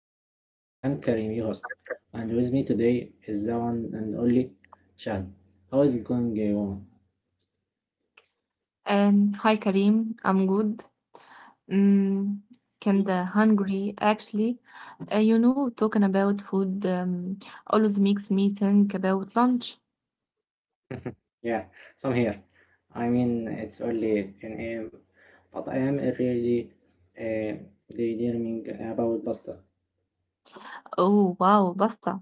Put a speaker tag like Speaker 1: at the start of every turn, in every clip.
Speaker 1: Food Talk. I am Karim, your host, and with me today is the one and only Chad. How is it going,
Speaker 2: Hi Karim, I'm good. Mm, Kinda hungry actually. Talking about food, always makes me think about lunch.
Speaker 1: yeah, so I'm here. I mean, it's only 10 a.m., but I am really uh, daydreaming about pasta.
Speaker 2: Oh wow, pasta.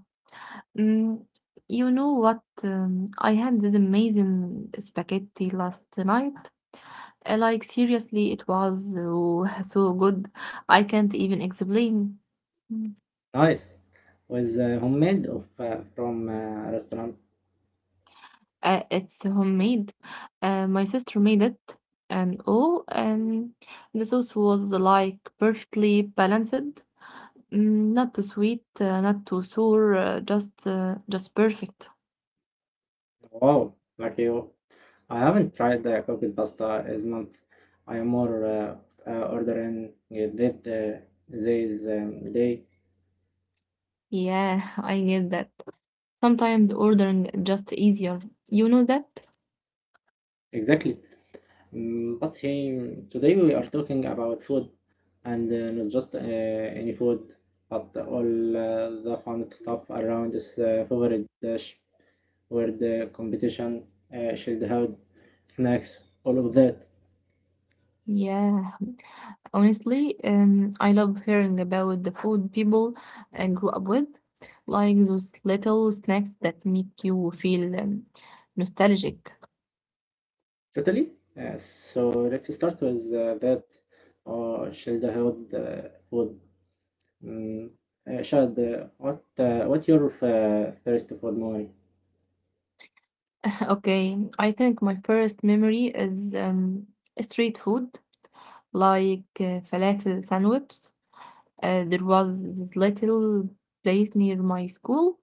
Speaker 2: Mm, you know what? I had this amazing spaghetti last night. Like seriously, it was so good. I can't even explain.
Speaker 1: Nice! Was homemade of, from restaurant.
Speaker 2: It's homemade. My sister made it, and the sauce was like perfectly balanced, not too sweet, not too sour, just perfect.
Speaker 1: Wow, lucky you. I haven't tried the cooked pasta as much. I am more ordering that this day
Speaker 2: Yeah, I get that. Sometimes ordering just easier. You know that?
Speaker 1: exactly. Mm, but hey, today we are talking about food and not just any food, but all the fun stuff around this favorite dish, where the competition, should have snacks, all of that.
Speaker 2: Yeah, honestly, I love hearing about the food people grew up with, like those little snacks that make you feel nostalgic.
Speaker 1: Totally. So let's start with that. Should have food. Mm, Shad, what your first food movie?
Speaker 2: Okay, I think my first memory is street food, like falafel sandwich. There was this little place near my school.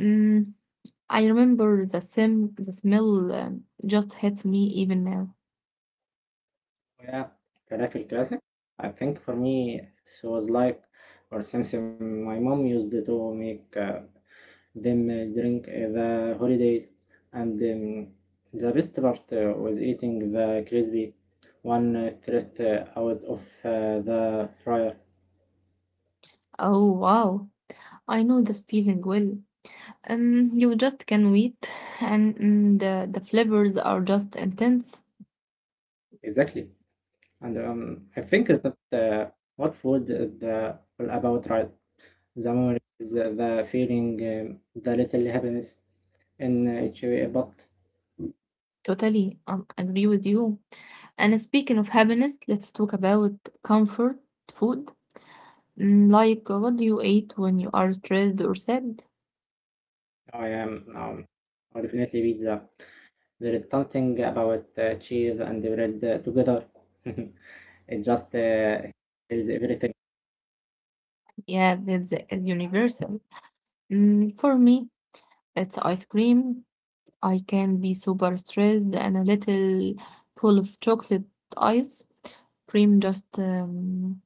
Speaker 2: Mm, I remember the smell, just hits me even now.
Speaker 1: Oh, yeah, Karate Classic. I think for me it was like or something my mom used to make them during the holidays, and the best part was eating the crispy one thread out of the fryer.
Speaker 2: Oh wow. I know this feeling well. You just can wait, and the flavors are just intense.
Speaker 1: Exactly, and I think that uh, what food is all about, right? The moment is the feeling, the little happiness in each way, but
Speaker 2: Totally, agree with you. And speaking of happiness, let's talk about comfort food. Like, what do you eat when you are stressed or sad?
Speaker 1: I am I definitely beat that. There is something about cheese and bread together. It just is everything.
Speaker 2: Yeah, that's universal. For me, it's ice cream. I can be super stressed and a little full of chocolate ice cream just um,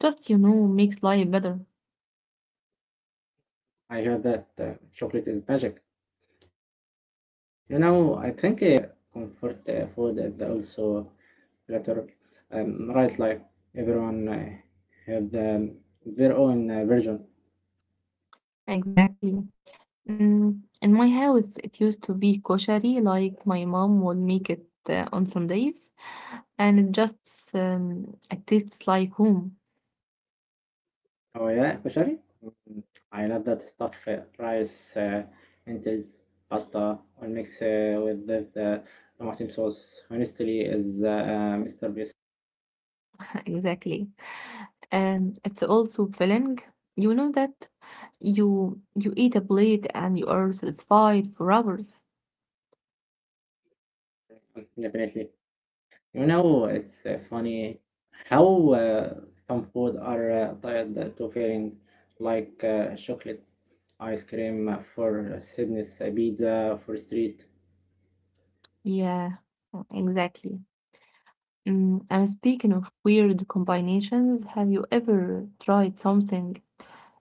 Speaker 2: just makes life better.
Speaker 1: I heard that chocolate is magic. You know, I think comfort food is also better. Right, like everyone have their own version.
Speaker 2: Exactly. In my house, it used to be koshari, like my mom would make it on Sundays, and it tastes like home.
Speaker 1: Hawaiian kushari? Mm, I love that stuff. Rice, lentils, pasta, all mixed with the tomato sauce. Honestly, is Mr. Beast
Speaker 2: Exactly. And it's also filling. You know that you eat a plate and you are satisfied for hours.
Speaker 1: definitely. You know, it's funny how uh, some food are tied to feeling like chocolate ice cream for Sydney's pizza for street.
Speaker 2: Yeah, exactly. And speaking of weird combinations, have you ever tried something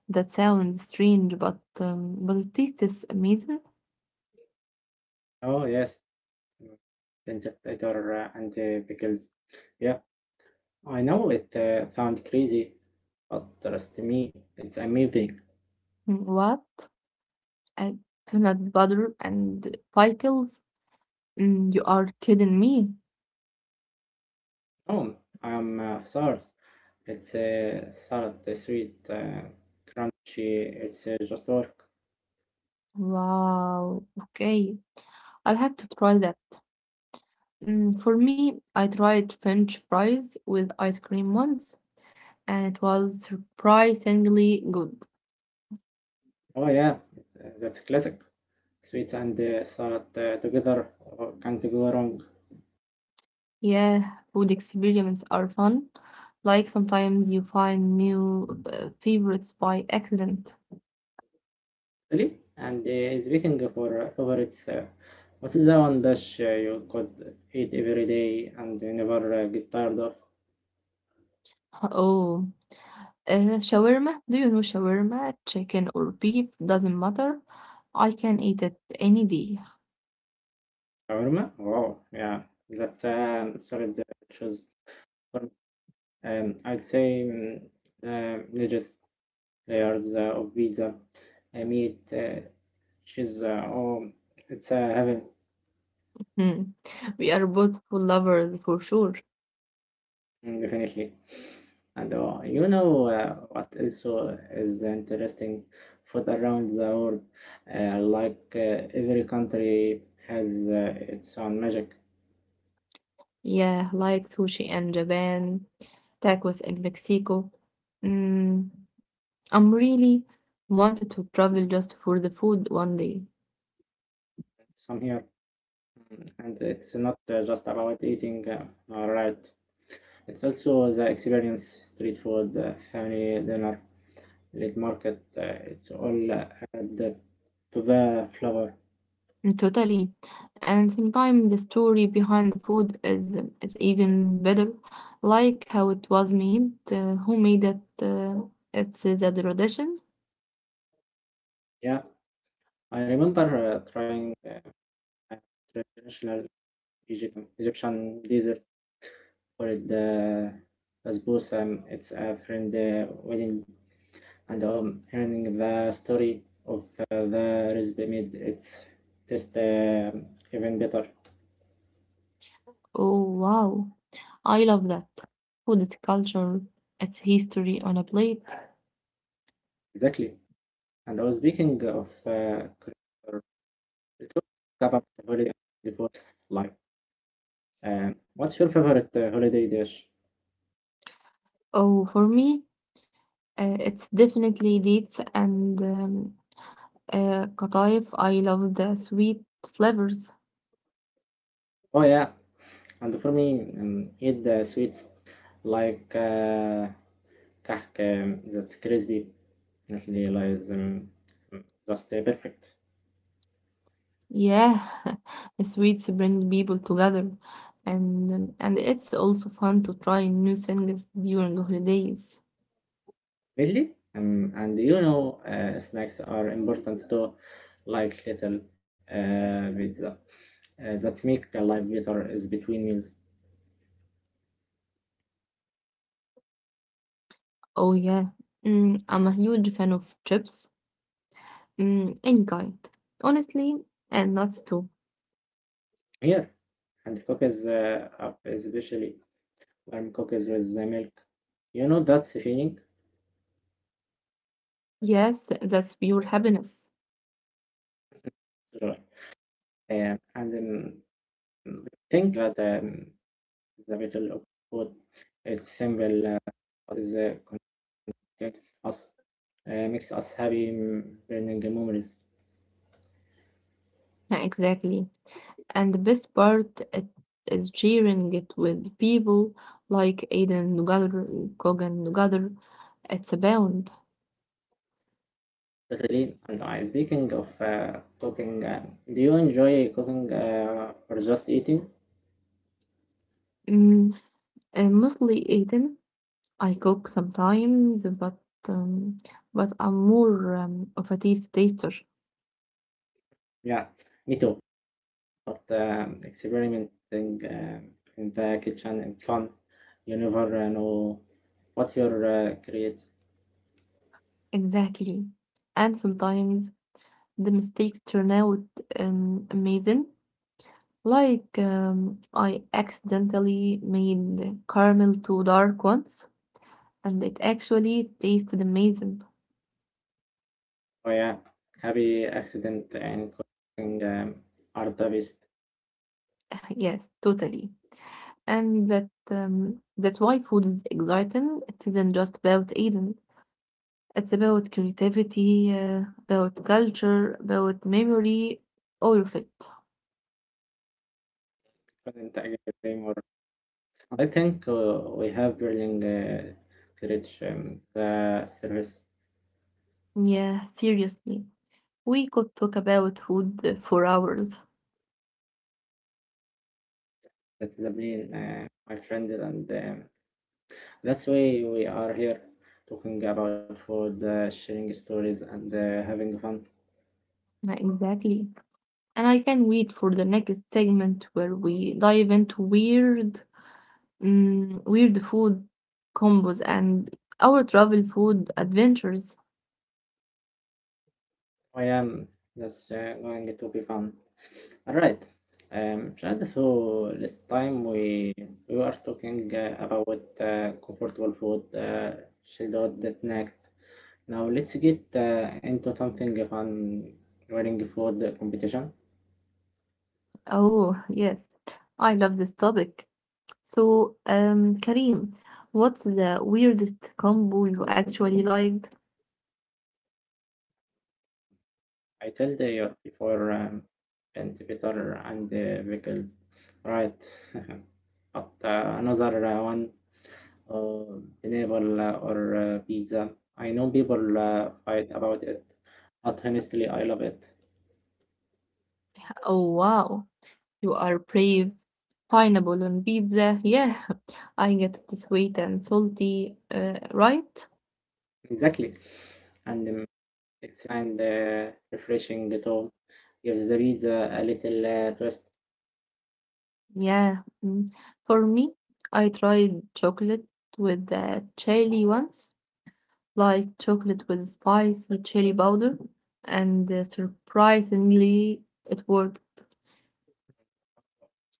Speaker 2: that sounds strange but the taste is amazing?
Speaker 1: Oh yes, lentil, butter, and pickles. Yeah, I know it sounds crazy. But trust me, it's amazing.
Speaker 2: Mm, what? Uh, Peanut butter and pickles? You are kidding me.
Speaker 1: No, I'm sorry. It's a salad, a sweet, crunchy. It's just work.
Speaker 2: Wow. Okay, I'll have to try that. For me, I tried French fries with ice cream once, and it was surprisingly good.
Speaker 1: Oh yeah, that's classic. Sweet and salad together can't go wrong.
Speaker 2: Yeah, food experiments are fun. Like sometimes you find new favorites by accident.
Speaker 1: Really? And speaking of our favorites, what is the one dish you could eat every day and never get tired of?
Speaker 2: Oh, shawarma. Do you know shawarma? Chicken or beef, doesn't matter. I can eat it any day.
Speaker 1: Shawarma? Wow, yeah, that's a solid choice. I'd say religious layers of pizza. I mean, she's oh, it's heaven.
Speaker 2: Hmm. We are both food lovers for sure.
Speaker 1: Mm, definitely. And you know what also is interesting food around the world. Like every country has its own magic.
Speaker 2: Yeah, like sushi in Japan, tacos in Mexico. Mm, I'm really wanted to travel just for the food one day.
Speaker 1: Some here, mm, and it's not just about eating all right. It's also the experience, street food, family dinner late market. It's all at to the flower.
Speaker 2: Mm, totally. And sometimes the story behind the food is even better, like how it was made, who made it, it's a tradition.
Speaker 1: Yeah, I remember trying a traditional Egyptian dessert called the basbousa. It's a friend wedding, and hearing the story of the recipe made it's just even better.
Speaker 2: Oh wow, I love that. Food is culture, it's history on a plate.
Speaker 1: Exactly. And I was speaking of culture, let talk about holiday before, like, what's your favorite holiday dish?
Speaker 2: Oh, for me, it's definitely dates and qataif. I love the sweet flavors.
Speaker 1: Oh yeah, and for me, eat the sweets like cake that's crispy, definitely like just perfect.
Speaker 2: Yeah, sweets bring people together, and it's also fun to try new things during holidays.
Speaker 1: Really, and you know, snacks are important too, like little pizza. That make the life better is between meals.
Speaker 2: Oh yeah, I'm a huge fan of chips, any kind, honestly, and nuts too.
Speaker 1: Here, and cookies up especially warm cookies with the milk. You know that's feeling.
Speaker 2: Yes, that's pure happiness.
Speaker 1: So, and I think that. The Battle of Food. Example uh, but is connected us, makes us happy learning memories.
Speaker 2: Exactly, and the best part it is sharing it with people like Aiden together, Kogan together. It's a bond.
Speaker 1: Totally. And I, speaking of cooking, do you enjoy cooking or just eating?
Speaker 2: Mm, Mostly Aiden. I cook sometimes, um, but I'm more of a taste taster.
Speaker 1: Yeah, me too. But experimenting in the kitchen is fun. You never know what you're creating.
Speaker 2: Exactly. And sometimes the mistakes turn out amazing. Like I accidentally made the caramel too dark once, and it actually tasted amazing.
Speaker 1: Oh yeah, happy accident and calling Arda.
Speaker 2: Yes, totally. And that's why food is exciting. It isn't just about eating. It's about creativity, about culture, about memory, all of it.
Speaker 1: Couldn't agree more. I think we have building scratch the service.
Speaker 2: Yeah, seriously. We could talk about food for hours.
Speaker 1: That's the my friend, and that's why we are here talking about food, sharing stories, and having fun.
Speaker 2: Yeah, exactly. And I can wait for the next segment where we dive into weird food combos and our travel food adventures.
Speaker 1: I am that's going to be fun. All right, Shahad, so last time we were talking about comfortable food, chilled that next. Now let's get into something fun, wearing food competition.
Speaker 2: Oh, yes. I love this topic. So, Karim, what's the weirdest combo you actually liked?
Speaker 1: I tell the year before paint Peter and the vehicles, right? But another one, enable or pizza. I know people fight about it, but honestly, I love it.
Speaker 2: Oh wow, you are brave. Pineapple on pizza, yeah. I get it sweet and salty, right?
Speaker 1: Exactly, and it's and refreshing too. Gives the pizza a little twist.
Speaker 2: Yeah. Mm. For me, I tried chocolate with chili once, like chocolate with spicy chili powder, and surprisingly, it worked.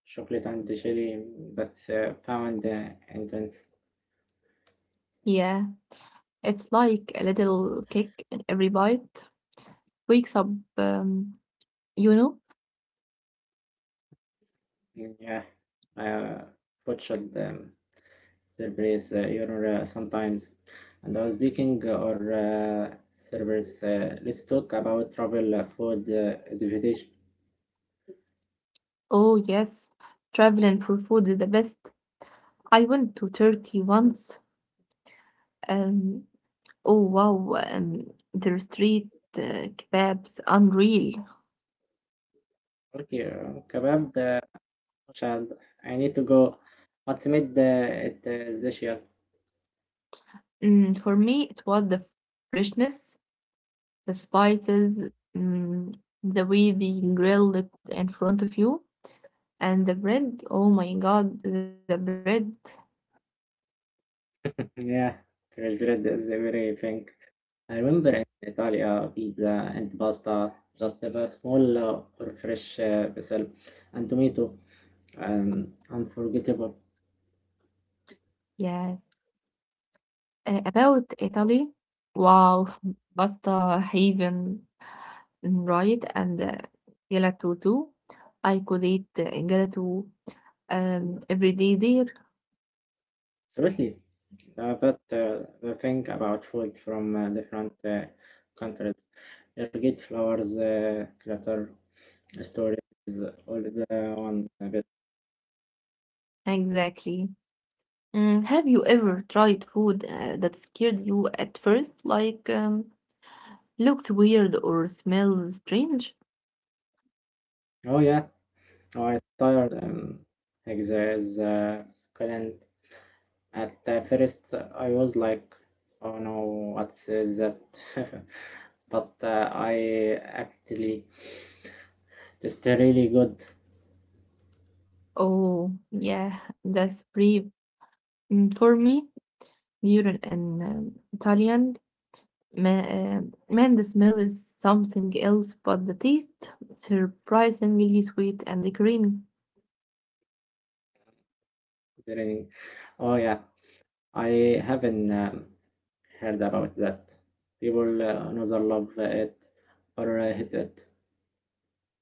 Speaker 1: Chocolate and jelly, that's found in the
Speaker 2: Yeah, it's like a little kick in every bite. Wakes up, um, you know.
Speaker 1: yeah, uh, butchered Cerberus you know, sometimes. And I was speaking or Cerberus, let's talk about travel food division.
Speaker 2: Oh yes, traveling for food is the best. I went to Turkey once, and oh wow, their street kebabs, unreal.
Speaker 1: Okay, kebab, child, I need to go. What's made it this year?
Speaker 2: For me, it was the freshness, the spices, mm, the way they grilled it in front of you, and the bread. Oh my God, the bread.
Speaker 1: Yeah, fresh bread is everything. I remember in Italia, pizza and pasta, just a small or fresh basil and tomato, unforgettable.
Speaker 2: Yes. About Italy, wow, pasta haven, right? And gelato too. I could eat gelato everyday there,
Speaker 1: Absolutely. But the thing about food from different countries, you get flowers, clutter, stories, all the one bit.
Speaker 2: exactly. Have you ever tried food that scared you at first, like looks weird or smells strange?
Speaker 1: Oh yeah, oh, I'm tired. Eggs is at the first, I was like, "Oh no, what's that?" But I actually just really good
Speaker 2: Oh, yeah, that's brave. For me, during an Italian, ma man, the smell is something else, but the taste surprisingly sweet and creamy.
Speaker 1: learning. Oh yeah, I haven't heard about that. People another love it or hate it.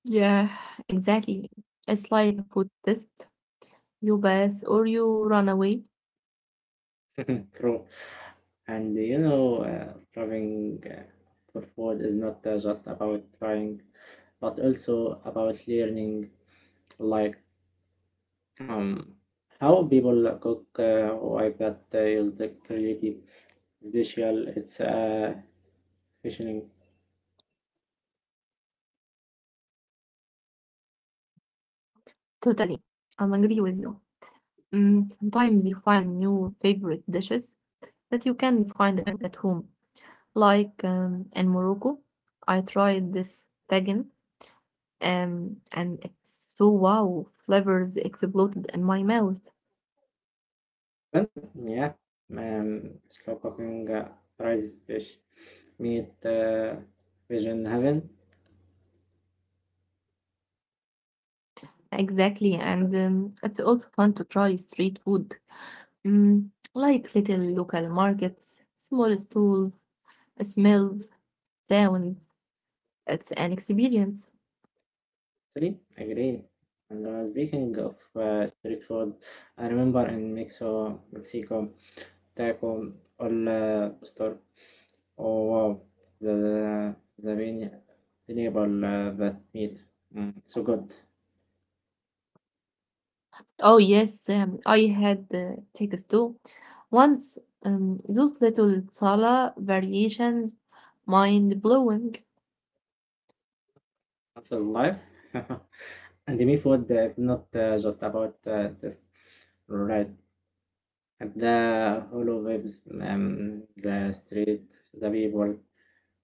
Speaker 2: Yeah, exactly. It's like a food test. You pass or you run away.
Speaker 1: True. And you know, traveling for food is not just about trying, but also about learning. Like Um, how people cook I've got you'll take creative special it's fishing
Speaker 2: Totally. I'm agree with you. Sometimes you find new favorite dishes that you can find at home. Like in Morocco, I tried this tagine, and it's so wow, flavors exploded in my mouth.
Speaker 1: well yeah slow cooking rice fish meat fish in heaven
Speaker 2: Exactly, and it's also fun to try street food. Mm, like little local markets, small stalls, smells, sounds. It's an experience.
Speaker 1: actually agree and speaking of street food I remember in Mexico taco all store oh wow the the vine- vegetable that meat mm, so good.
Speaker 2: Oh yes, I had tickets too. Once those little sala variations, mind blowing.
Speaker 1: Hustle life. And me food not just about taste, right? And the whole of vibes, the street, the people,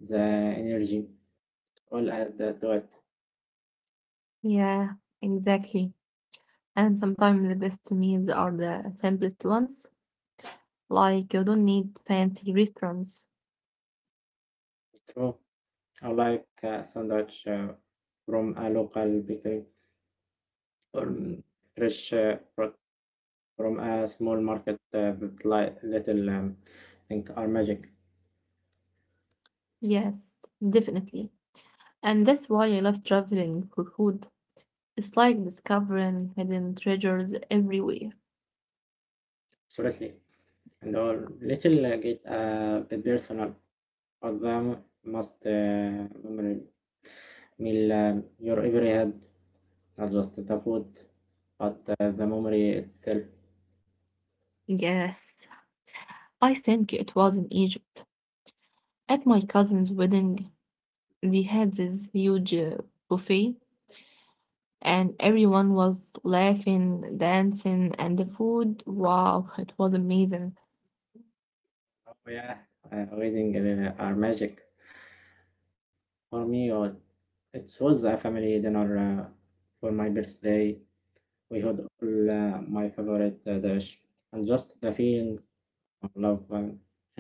Speaker 1: the energy, all add to it.
Speaker 2: Yeah, exactly. And sometimes the best meals are the simplest ones. Like you don't need fancy restaurants.
Speaker 1: So I like a sandwich from a local bakery or mm, fresh fruit from a small market with li- little think are magic,
Speaker 2: Yes, definitely. And that's why I love traveling for food. It's like discovering hidden treasures everywhere.
Speaker 1: absolutely. And all little get a bit personal. But the most memory meal your every head, not just the food, but the memory itself.
Speaker 2: Yes, I think it was in Egypt at my cousin's wedding. They had this huge buffet, and everyone was laughing, dancing, and the food wow, it was amazing.
Speaker 1: Oh yeah, wedding are magic. For me, it was a family dinner for my birthday. We had all my favorite dish, and just the feeling of love,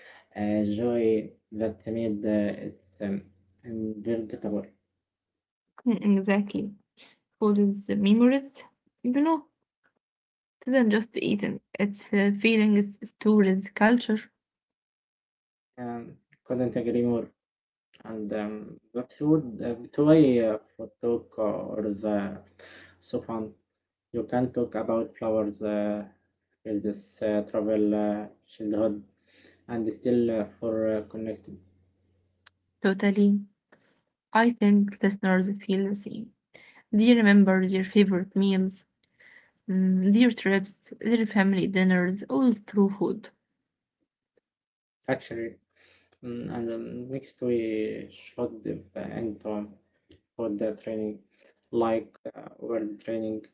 Speaker 1: joy that made it unforgettable.
Speaker 2: Mm, exactly. Food is memories, you know, it isn't just eating, it's feelings, stories, culture.
Speaker 1: Um, couldn't agree more. And without a photo or the sofa, you can talk about flowers, is this travel, childhood, and still for connected.
Speaker 2: Totally. I think listeners feel the same. They remember their favorite meals, their trips, their family dinners, all through food.
Speaker 1: Actually, mm, and next we should the end for the training, like world training,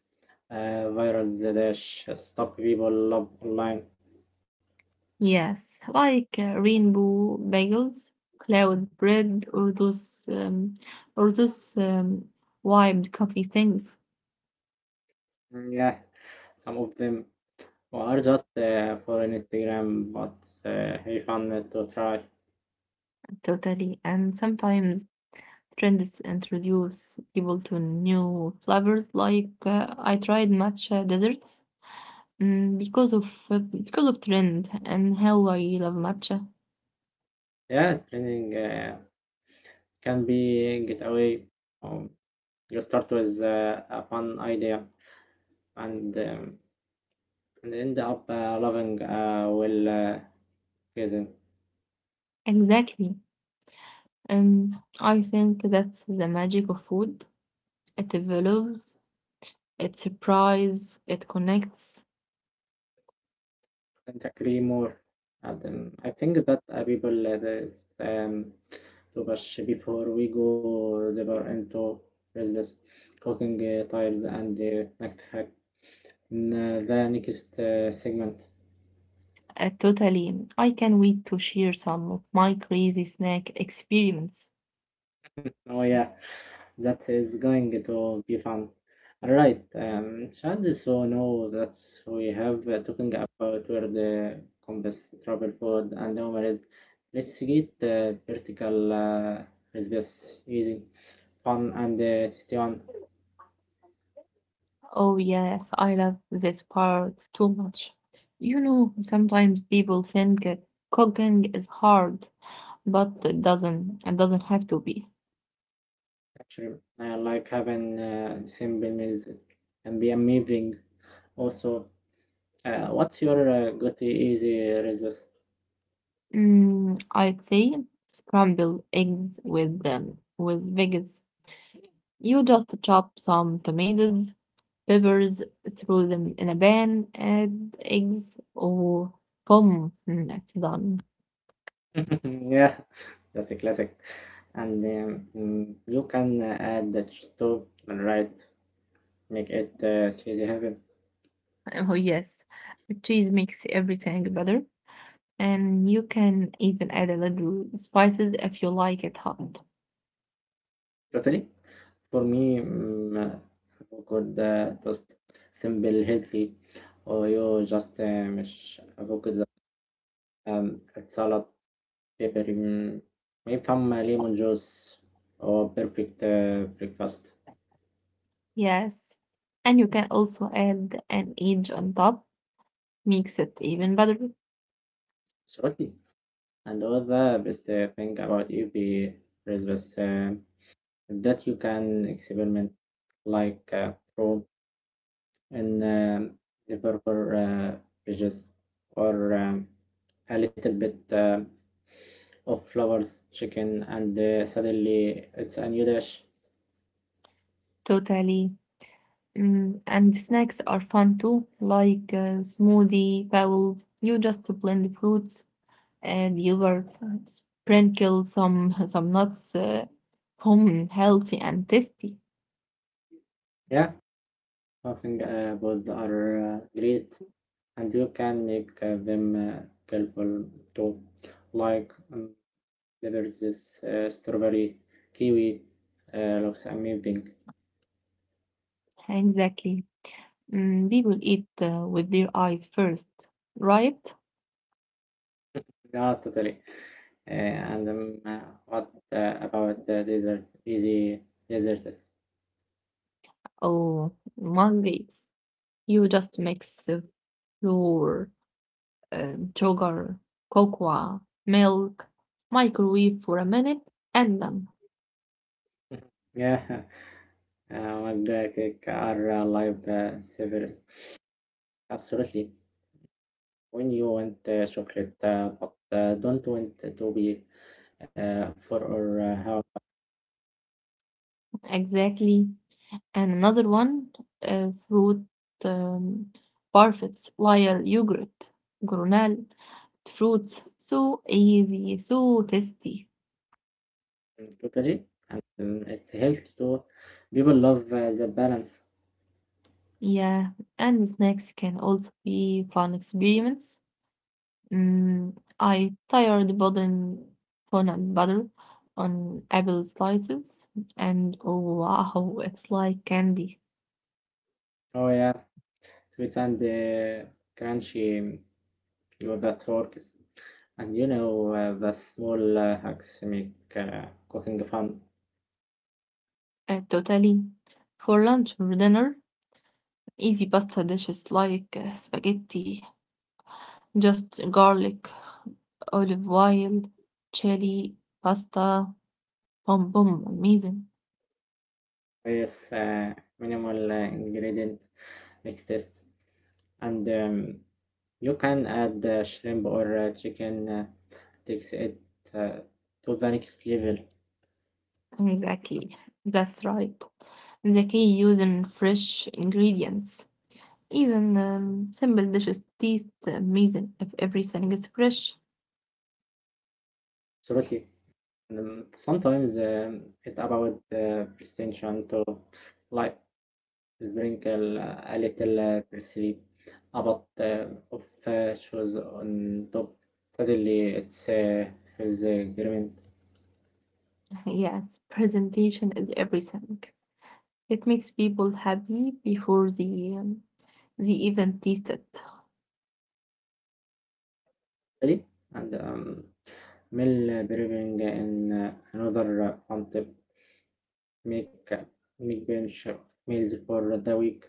Speaker 1: viral the dash stuff people love online.
Speaker 2: Yes, like rainbow bagels, cloud bread, or those wiped coffee things.
Speaker 1: Mm, yeah, some of them or just for an Instagram, but he found it to try.
Speaker 2: Totally. And sometimes trends introduce people to new flavors. Like I tried matcha desserts, because of trend and how I love matcha.
Speaker 1: Yeah, training can be get away. Um, you start with a fun idea and um, and end up loving well reason.
Speaker 2: Exactly. And I think that's the magic of food. It evolves, it surprises, it connects.
Speaker 1: And agree more. And, I think that people there's, to brush before we go deeper into business cooking tiles and snack hack in the next segment.
Speaker 2: Totally. I can wait to share some of my crazy snack experiments.
Speaker 1: Oh yeah, that is going to be fun. All right, Shand, so now that we have talking about where the compass travel food and Omar is, let's get vertical recipes easy, fun and tasty one.
Speaker 2: Oh, yes, I love this part too much. Sometimes people think cooking is hard, but it doesn't. It doesn't have to be.
Speaker 1: Actually, I like having simple meals and be amazing. Also, what's your go-to easy recipes?
Speaker 2: I'd say scrambled eggs with veggies. You just chop some tomatoes, peppers, throw them in a pan, add eggs, or boom, that's done.
Speaker 1: Yeah, that's a classic. And mm, you can add the cheese to and right make it cheesy heaven
Speaker 2: Oh, yes, the cheese makes everything better, and you can even add a little spices if you like it hot.
Speaker 1: totally for me you could toast simple healthy or you just مش avocado um, salad pepper mm, maybe some lemon juice or perfect breakfast
Speaker 2: Yes, and you can also add an edge on top, makes it even better.
Speaker 1: absolutely and all the best thing about UP is this, that you can experiment like from and the uh, is or a little bit of flowers, chicken, and suddenly it's a new dish.
Speaker 2: Totally. And snacks are fun too, like smoothie bowls. You just blend fruits and yogurt, and sprinkle some nuts home healthy and tasty.
Speaker 1: Yeah, I think both are great, and you can make them colorful too. Like there is this strawberry kiwi looks amazing,
Speaker 2: Exactly. People eat with their eyes first, right?
Speaker 1: no, totally. And what about the desert? Easy deserts.
Speaker 2: Oh, monkeys. You just mix flour, sugar, cocoa, milk, microwave for a minute, and done.
Speaker 1: Yeah, one are live servers. Absolutely. When you want chocolate, but don't want to be for or how
Speaker 2: Exactly. And another one fruit um, parfaits, liar, yogurt, gronal, fruits, so easy, so tasty.
Speaker 1: totally. And It's healthy too. People love the balance.
Speaker 2: Yeah, and snacks can also be fun experiments. Mm, I tired building fun and butter on apple slices, and oh wow, it's like candy.
Speaker 1: Oh yeah, sweets and crunchy yogurt forks. And the small hacks make cooking fun.
Speaker 2: Totally. For lunch or dinner, easy pasta dishes like spaghetti. Just garlic, olive oil, chili, pasta, boom boom, amazing.
Speaker 1: With minimal ingredient makes taste. And you can add shrimp or chicken, takes it uh, to the next level.
Speaker 2: Exactly, that's right. The key using fresh ingredients. Even simple dishes taste amazing if everything is fresh.
Speaker 1: Absolutely. Sometimes it about presentation to like drink a little parsley, about of shoes on top. Suddenly, it's feels green.
Speaker 2: Yes, presentation is everything. It makes people happy before they even taste it.
Speaker 1: Ready? And Mill brewing in another on tip. Make uh, Make bench meals for the week.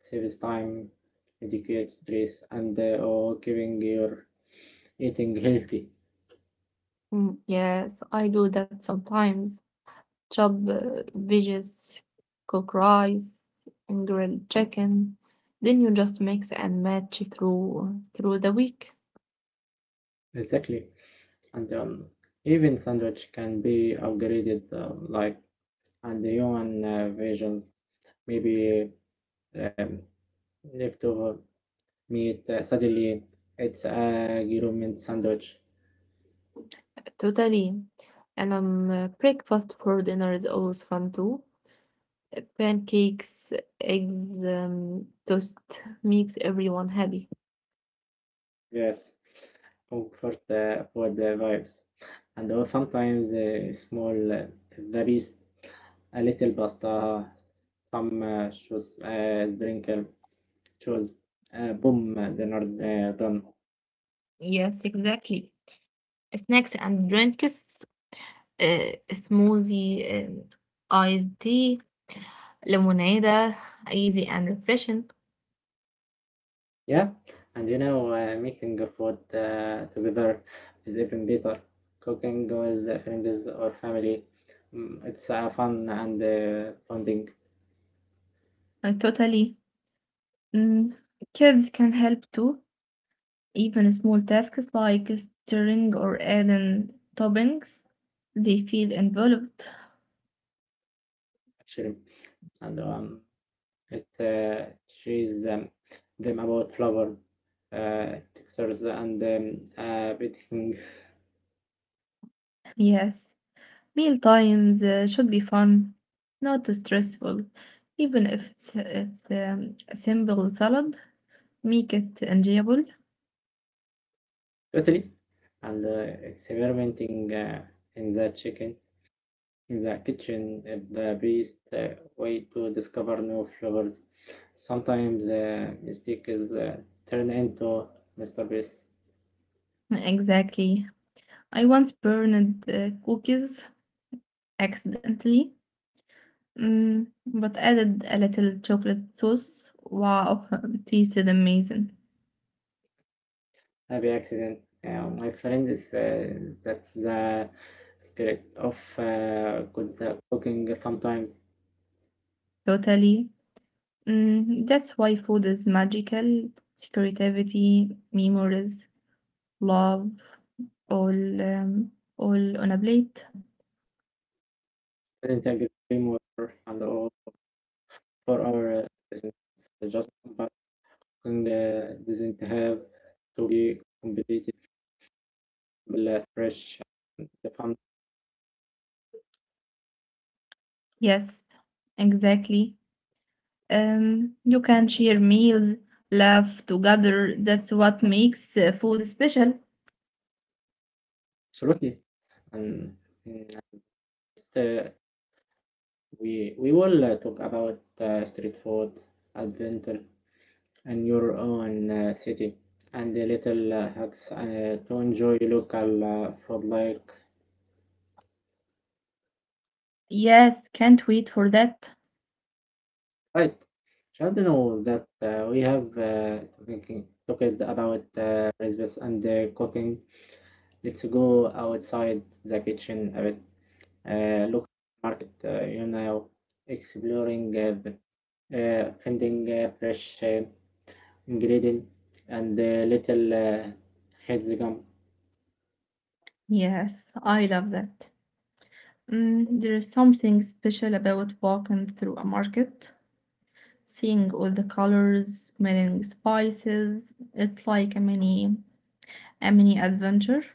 Speaker 1: Saves time, educates stress, and giving your eating healthy.
Speaker 2: Mm, yes, I do that sometimes. Chop veggies, cook rice, and grill chicken. Then you just mix and match through the week.
Speaker 1: Exactly. And Even sandwich can be upgraded, like and the human versions, maybe um, leftover meat. Suddenly, it's a government sandwich.
Speaker 2: Totally. And breakfast for dinner is always fun too. Pancakes, eggs, toast makes everyone happy.
Speaker 1: Yes. Oh, for the vibes, and also sometimes small very a little pasta, some shoes, sprinkle shoes, boom, dinner done.
Speaker 2: Yes, exactly. Snacks and drinks, smoothie, iced tea, lemonade, easy and refreshing.
Speaker 1: Yeah, and making food together is even better. Cooking with the friends or family, mm, it's fun and bonding.
Speaker 2: Totally. Mm, Kids can help too, even small tasks like stirring or adding toppings. They feel involved.
Speaker 1: Actually, and it teaches them about flavor, textures, and baking
Speaker 2: Yes, meal times should be fun, not stressful. Even if it's a simple salad, make it enjoyable.
Speaker 1: totally, and experimenting in the chicken. In the kitchen, the best way to discover new flavors. Sometimes the mistake is turn into masterpiece.
Speaker 2: Exactly. I once burned cookies accidentally, but added a little chocolate sauce. Wow, it tasted amazing.
Speaker 1: Happy accident. My friend is that's the secret of good cooking. Sometimes
Speaker 2: Totally. That's why food is magical. It's creativity, memories, love, all um, all on a plate.
Speaker 1: didn't agree more and all for our business. Just about cooking doesn't have to be competitive, fresh, and fun.
Speaker 2: Yes, exactly. You can share meals, laugh together. That's what makes food special.
Speaker 1: Absolutely, and mm, uh, we will talk about street food, adventure, and your own city, and the little hacks to enjoy local food. Like
Speaker 2: Yes, can't wait for that.
Speaker 1: right, should know that we have talked about recipes and cooking. Let's go outside the kitchen a bit. Look market, exploring, finding fresh. Ingredient and the little hexagon
Speaker 2: Yes, I love that. There is something special about walking through a market. Seeing all the colors, smelling spices. It's like a mini adventure.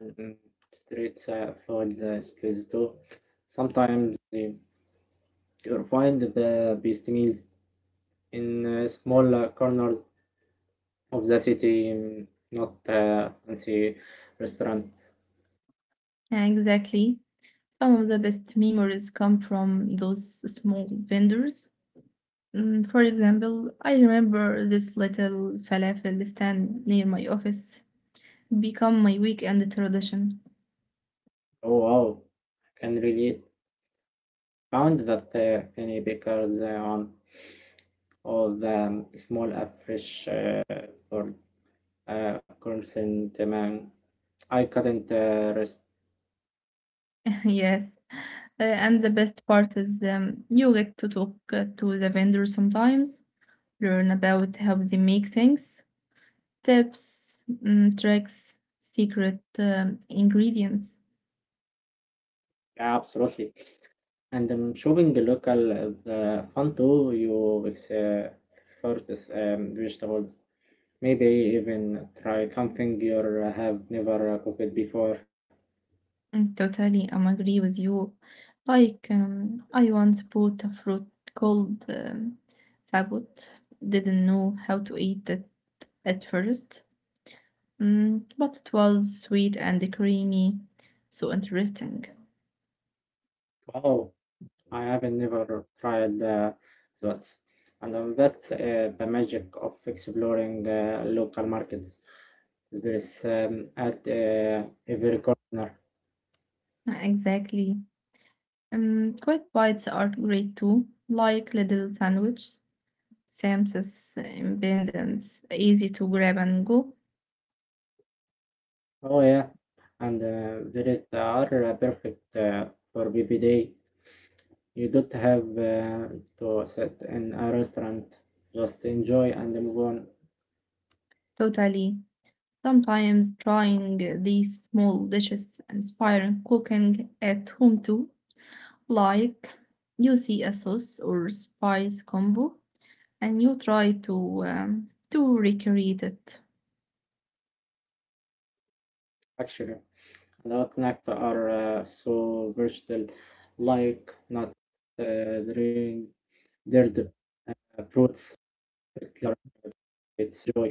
Speaker 1: and streets for the skills too. Sometimes you'll find the best meal in a small corner of the city, not fancy restaurant.
Speaker 2: Exactly. Some of the best memories come from those small vendors. For example, I remember this little falafel stand near my office become my weekend tradition.
Speaker 1: Oh wow, I can relate. Found that many bakers on all the small fish for constant demand. I couldn't rest.
Speaker 2: Yes. And the best part is you get to talk to the vendors sometimes, learn about how they make things, tips, tricks, secret ingredients.
Speaker 1: Yeah, absolutely. And shopping local is the fun too. You explore this vegetables. Maybe even try something you have never cooked before.
Speaker 2: Totally, I'm agree with you. Like, I once bought a fruit called sabot. Didn't know how to eat it at first, but it was sweet and creamy. So interesting.
Speaker 1: Wow, I haven't never tried those. And that's the magic of exploring local markets. There is at every corner.
Speaker 2: Exactly. Quick bites are great too, like little sandwiches. Sam's independence, easy to grab and go.
Speaker 1: Oh yeah, and are perfect for BBD. You don't have to sit in a restaurant, just enjoy and move on.
Speaker 2: Totally. Sometimes trying these small dishes inspire cooking at home too. Like you see a sauce or spice combo and you try to recreate it.
Speaker 1: Actually, a lot of snacks are so versatile, like nuts, drink, dirt, uh, fruits, particular, it's joy.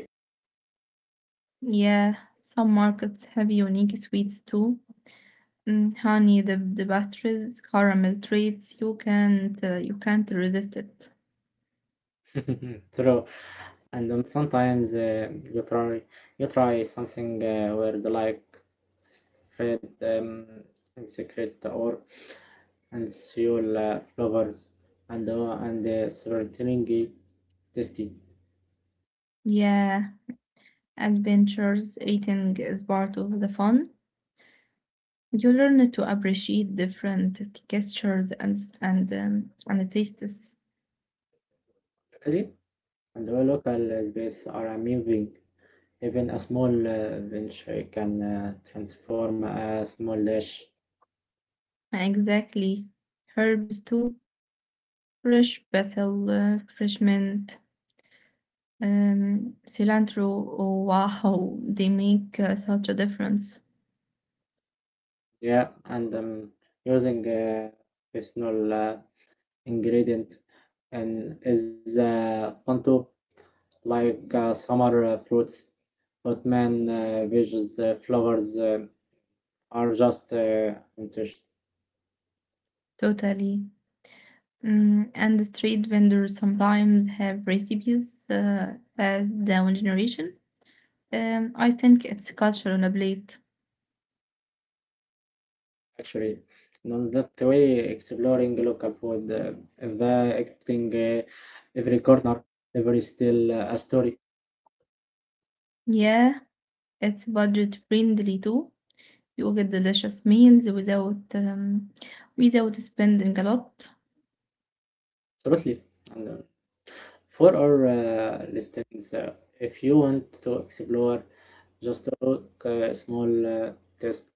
Speaker 2: Yeah, some markets have unique sweets too. Mm, honey, the pastries, caramel treats. You can't resist it.
Speaker 1: True. And then sometimes you try you try something weird like red and secret or and seal flavors and certainly tasty.
Speaker 2: Yeah, adventures eating is part of the fun. You learn to appreciate different textures and tastes.
Speaker 1: Italy and all local space are amazing. Even a small venture can transform a small dish.
Speaker 2: Exactly, herbs too. Fresh basil, fresh mint, cilantro. Oh, wow, they make such a difference.
Speaker 1: Yeah, and using personal ingredient and is onto like summer fruits, but man, veggies, flowers are just inter-
Speaker 2: Totally. And the street vendors sometimes have recipes passed down generation. I think it's culture on a plate.
Speaker 1: actually. No, that way, exploring local food, evacuating every corner, every still a story.
Speaker 2: Yeah, it's budget friendly too. You get delicious meals without spending a lot.
Speaker 1: Absolutely. And, uh, for our listeners, if you want to explore, just took a small test.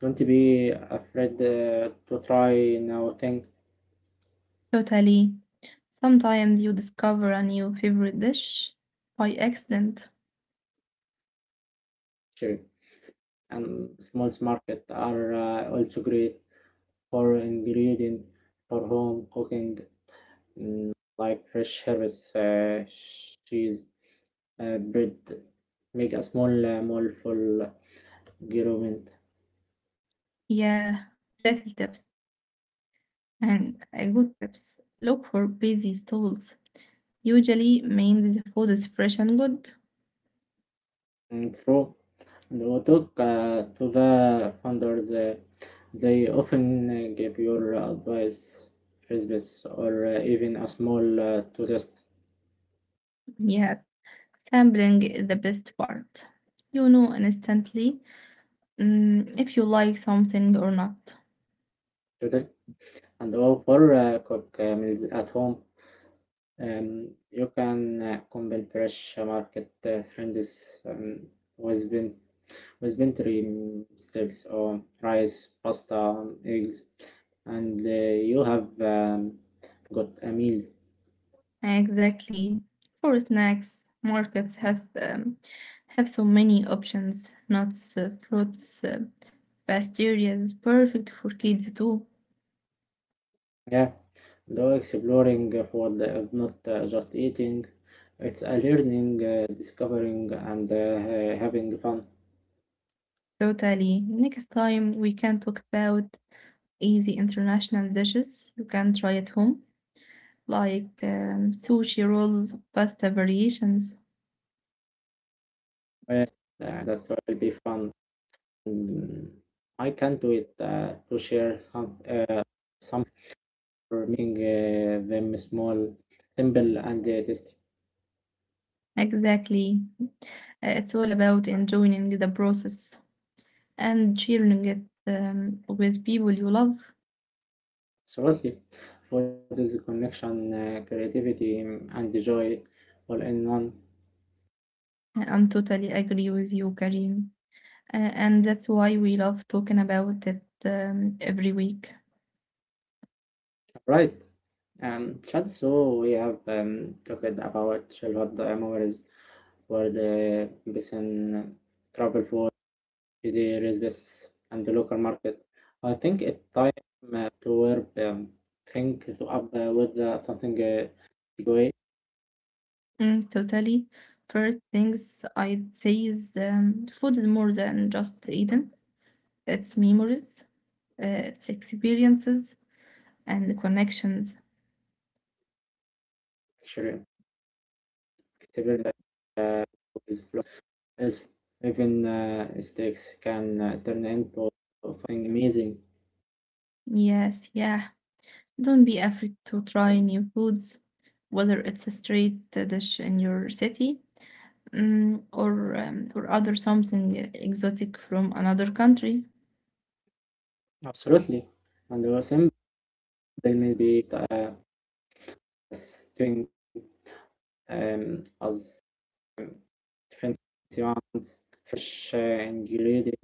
Speaker 1: Don't be afraid to try new things.
Speaker 2: Totally. Sometimes you discover a new favorite dish by accident.
Speaker 1: Sure. And small market are also great for ingredient for home cooking, mm, like fresh herbs, cheese, bread. Make a small mindful experiment.
Speaker 2: Yeah, little tips and a good tips. Look for busy stalls. Usually, means the food is fresh and good.
Speaker 1: And through the talk to the founders, they often give your advice, recipes, or even a small to test.
Speaker 2: Yeah, sampling is the best part. You know instantly, if you like something or not.
Speaker 1: To test and oh, for quick meals at home, you can combine fresh market trends with, bin- with vintage steaks or rice, pasta, eggs, and you have got a meal.
Speaker 2: Exactly. For snacks, markets have so many options. Nuts, fruits, pastries, perfect for kids too.
Speaker 1: Yeah, though exploring food is not just eating, it's a learning, discovering, and having fun.
Speaker 2: Totally. Next time we can talk about easy international dishes you can try at home, like sushi rolls, pasta variations.
Speaker 1: Yes, that will be fun. Mm, I can do it to share some for making them small, simple, and tasty.
Speaker 2: Exactly. It's all about enjoying the process and sharing it with people you love.
Speaker 1: Absolutely, food is connection, creativity, and joy, all in one.
Speaker 2: I'm totally agree with you, Karim. And that's why we love talking about it every week.
Speaker 1: Right. Chad, so we have talked about childhood memories for the person travel for. There is this and the local market. I think it's time to wear think to up with something takeaway
Speaker 2: Totally. First things I'd say is food is more than just eating. It's memories, it's experiences, and connections.
Speaker 1: actually experience that is flo- even mistakes can turn into something amazing.
Speaker 2: Yes, yeah. Don't be afraid to try new foods, whether it's a street dish in your city, or other something exotic from another country.
Speaker 1: Absolutely, and the simple may be thing as um, fancy ones, fresh ingredients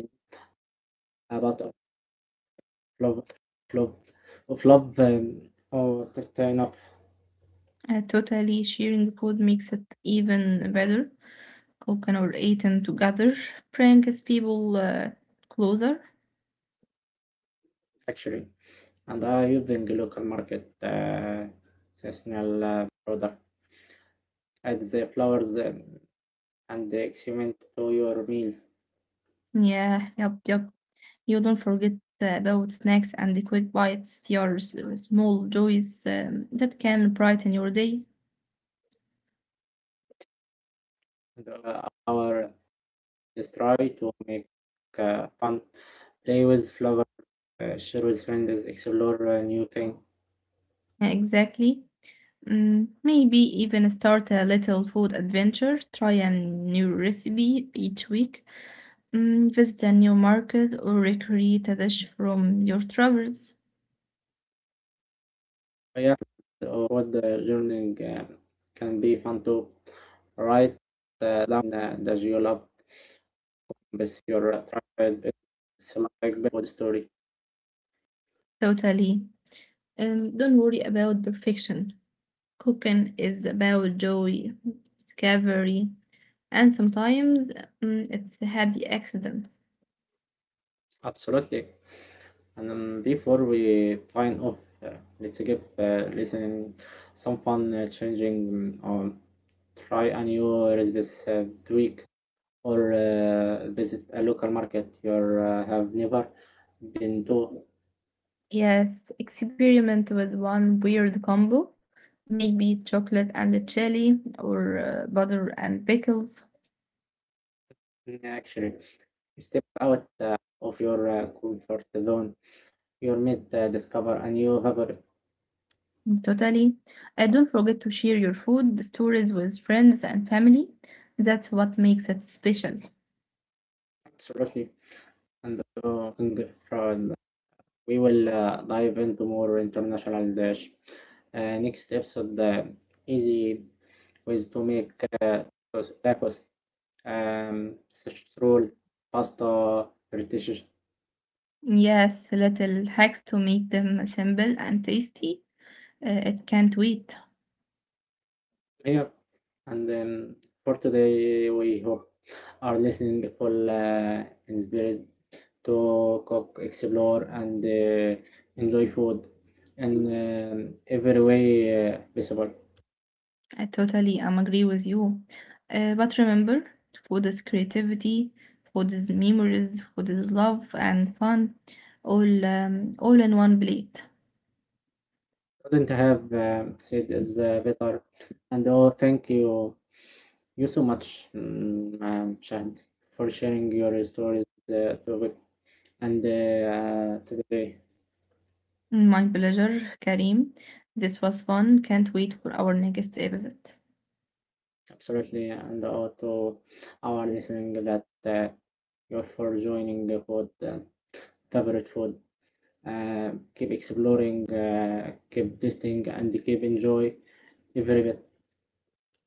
Speaker 1: about flop flop flop or just enough
Speaker 2: Totally, sharing food makes it even better. Cooking or eating together brings people closer.
Speaker 1: actually and are using local market seasonal product add the flowers and the experiment to your meals
Speaker 2: Yeah, yep, yep. You don't forget about snacks and the quick bites, your small joys that can brighten your day.
Speaker 1: and our just try to make fun play with flowers, share with friends explore a new thing.
Speaker 2: Exactly. Maybe even start a little food adventure, try a new recipe each week, visit a new market, or recreate a dish from your travels.
Speaker 1: Oh, yeah or what the learning can be fun to write down that you love but your are it's like the whole story.
Speaker 2: Totally. And don't worry about perfection. Cooking is about joy, discovery, and sometimes, it's a happy accident.
Speaker 1: Absolutely. And before we find off, uh, let's give listening some fun changing or try a new recipe tweak or visit a local market you have never been to.
Speaker 2: Yes, experiment with one weird combo, maybe chocolate and chili, or butter and pickles.
Speaker 1: Actually, step out of your comfort zone. You might discover a new favorite.
Speaker 2: Totally. And don't forget to share your food stories with friends and family. That's what makes it special.
Speaker 1: Absolutely. And we will dive into more international dish. Next episode, easy ways to make uh, tacos, sausage roll, pasta, British
Speaker 2: Yes, little hacks to make them simple and tasty. It can't wait.
Speaker 1: here. And for today, we hope our listening will inspired to cook, explore, and enjoy food in every way possible.
Speaker 2: I totally agree with you, But remember, food is creativity, food is memories, food is love and fun, all in one plate.
Speaker 1: Couldn't have said is better. Thank you, you so much, Shahid, for sharing your stories and today.
Speaker 2: My pleasure, Karim. This was fun. Can't wait for our next episode.
Speaker 1: Absolutely, and all to our listening that you're for joining the pod, favorite food. Keep exploring, keep tasting, and keep enjoy every bit.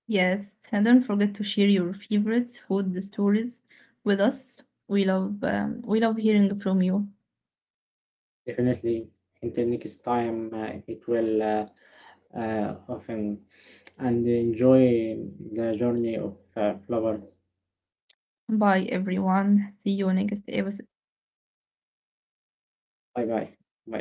Speaker 2: Yes, and don't forget to share your favorites food stories with us. We love hearing from you.
Speaker 1: Definitely, in 10 years' time, it will often and enjoy the journey of flowers.
Speaker 2: Bye, everyone. See you next episode.
Speaker 1: Bye bye. Bye.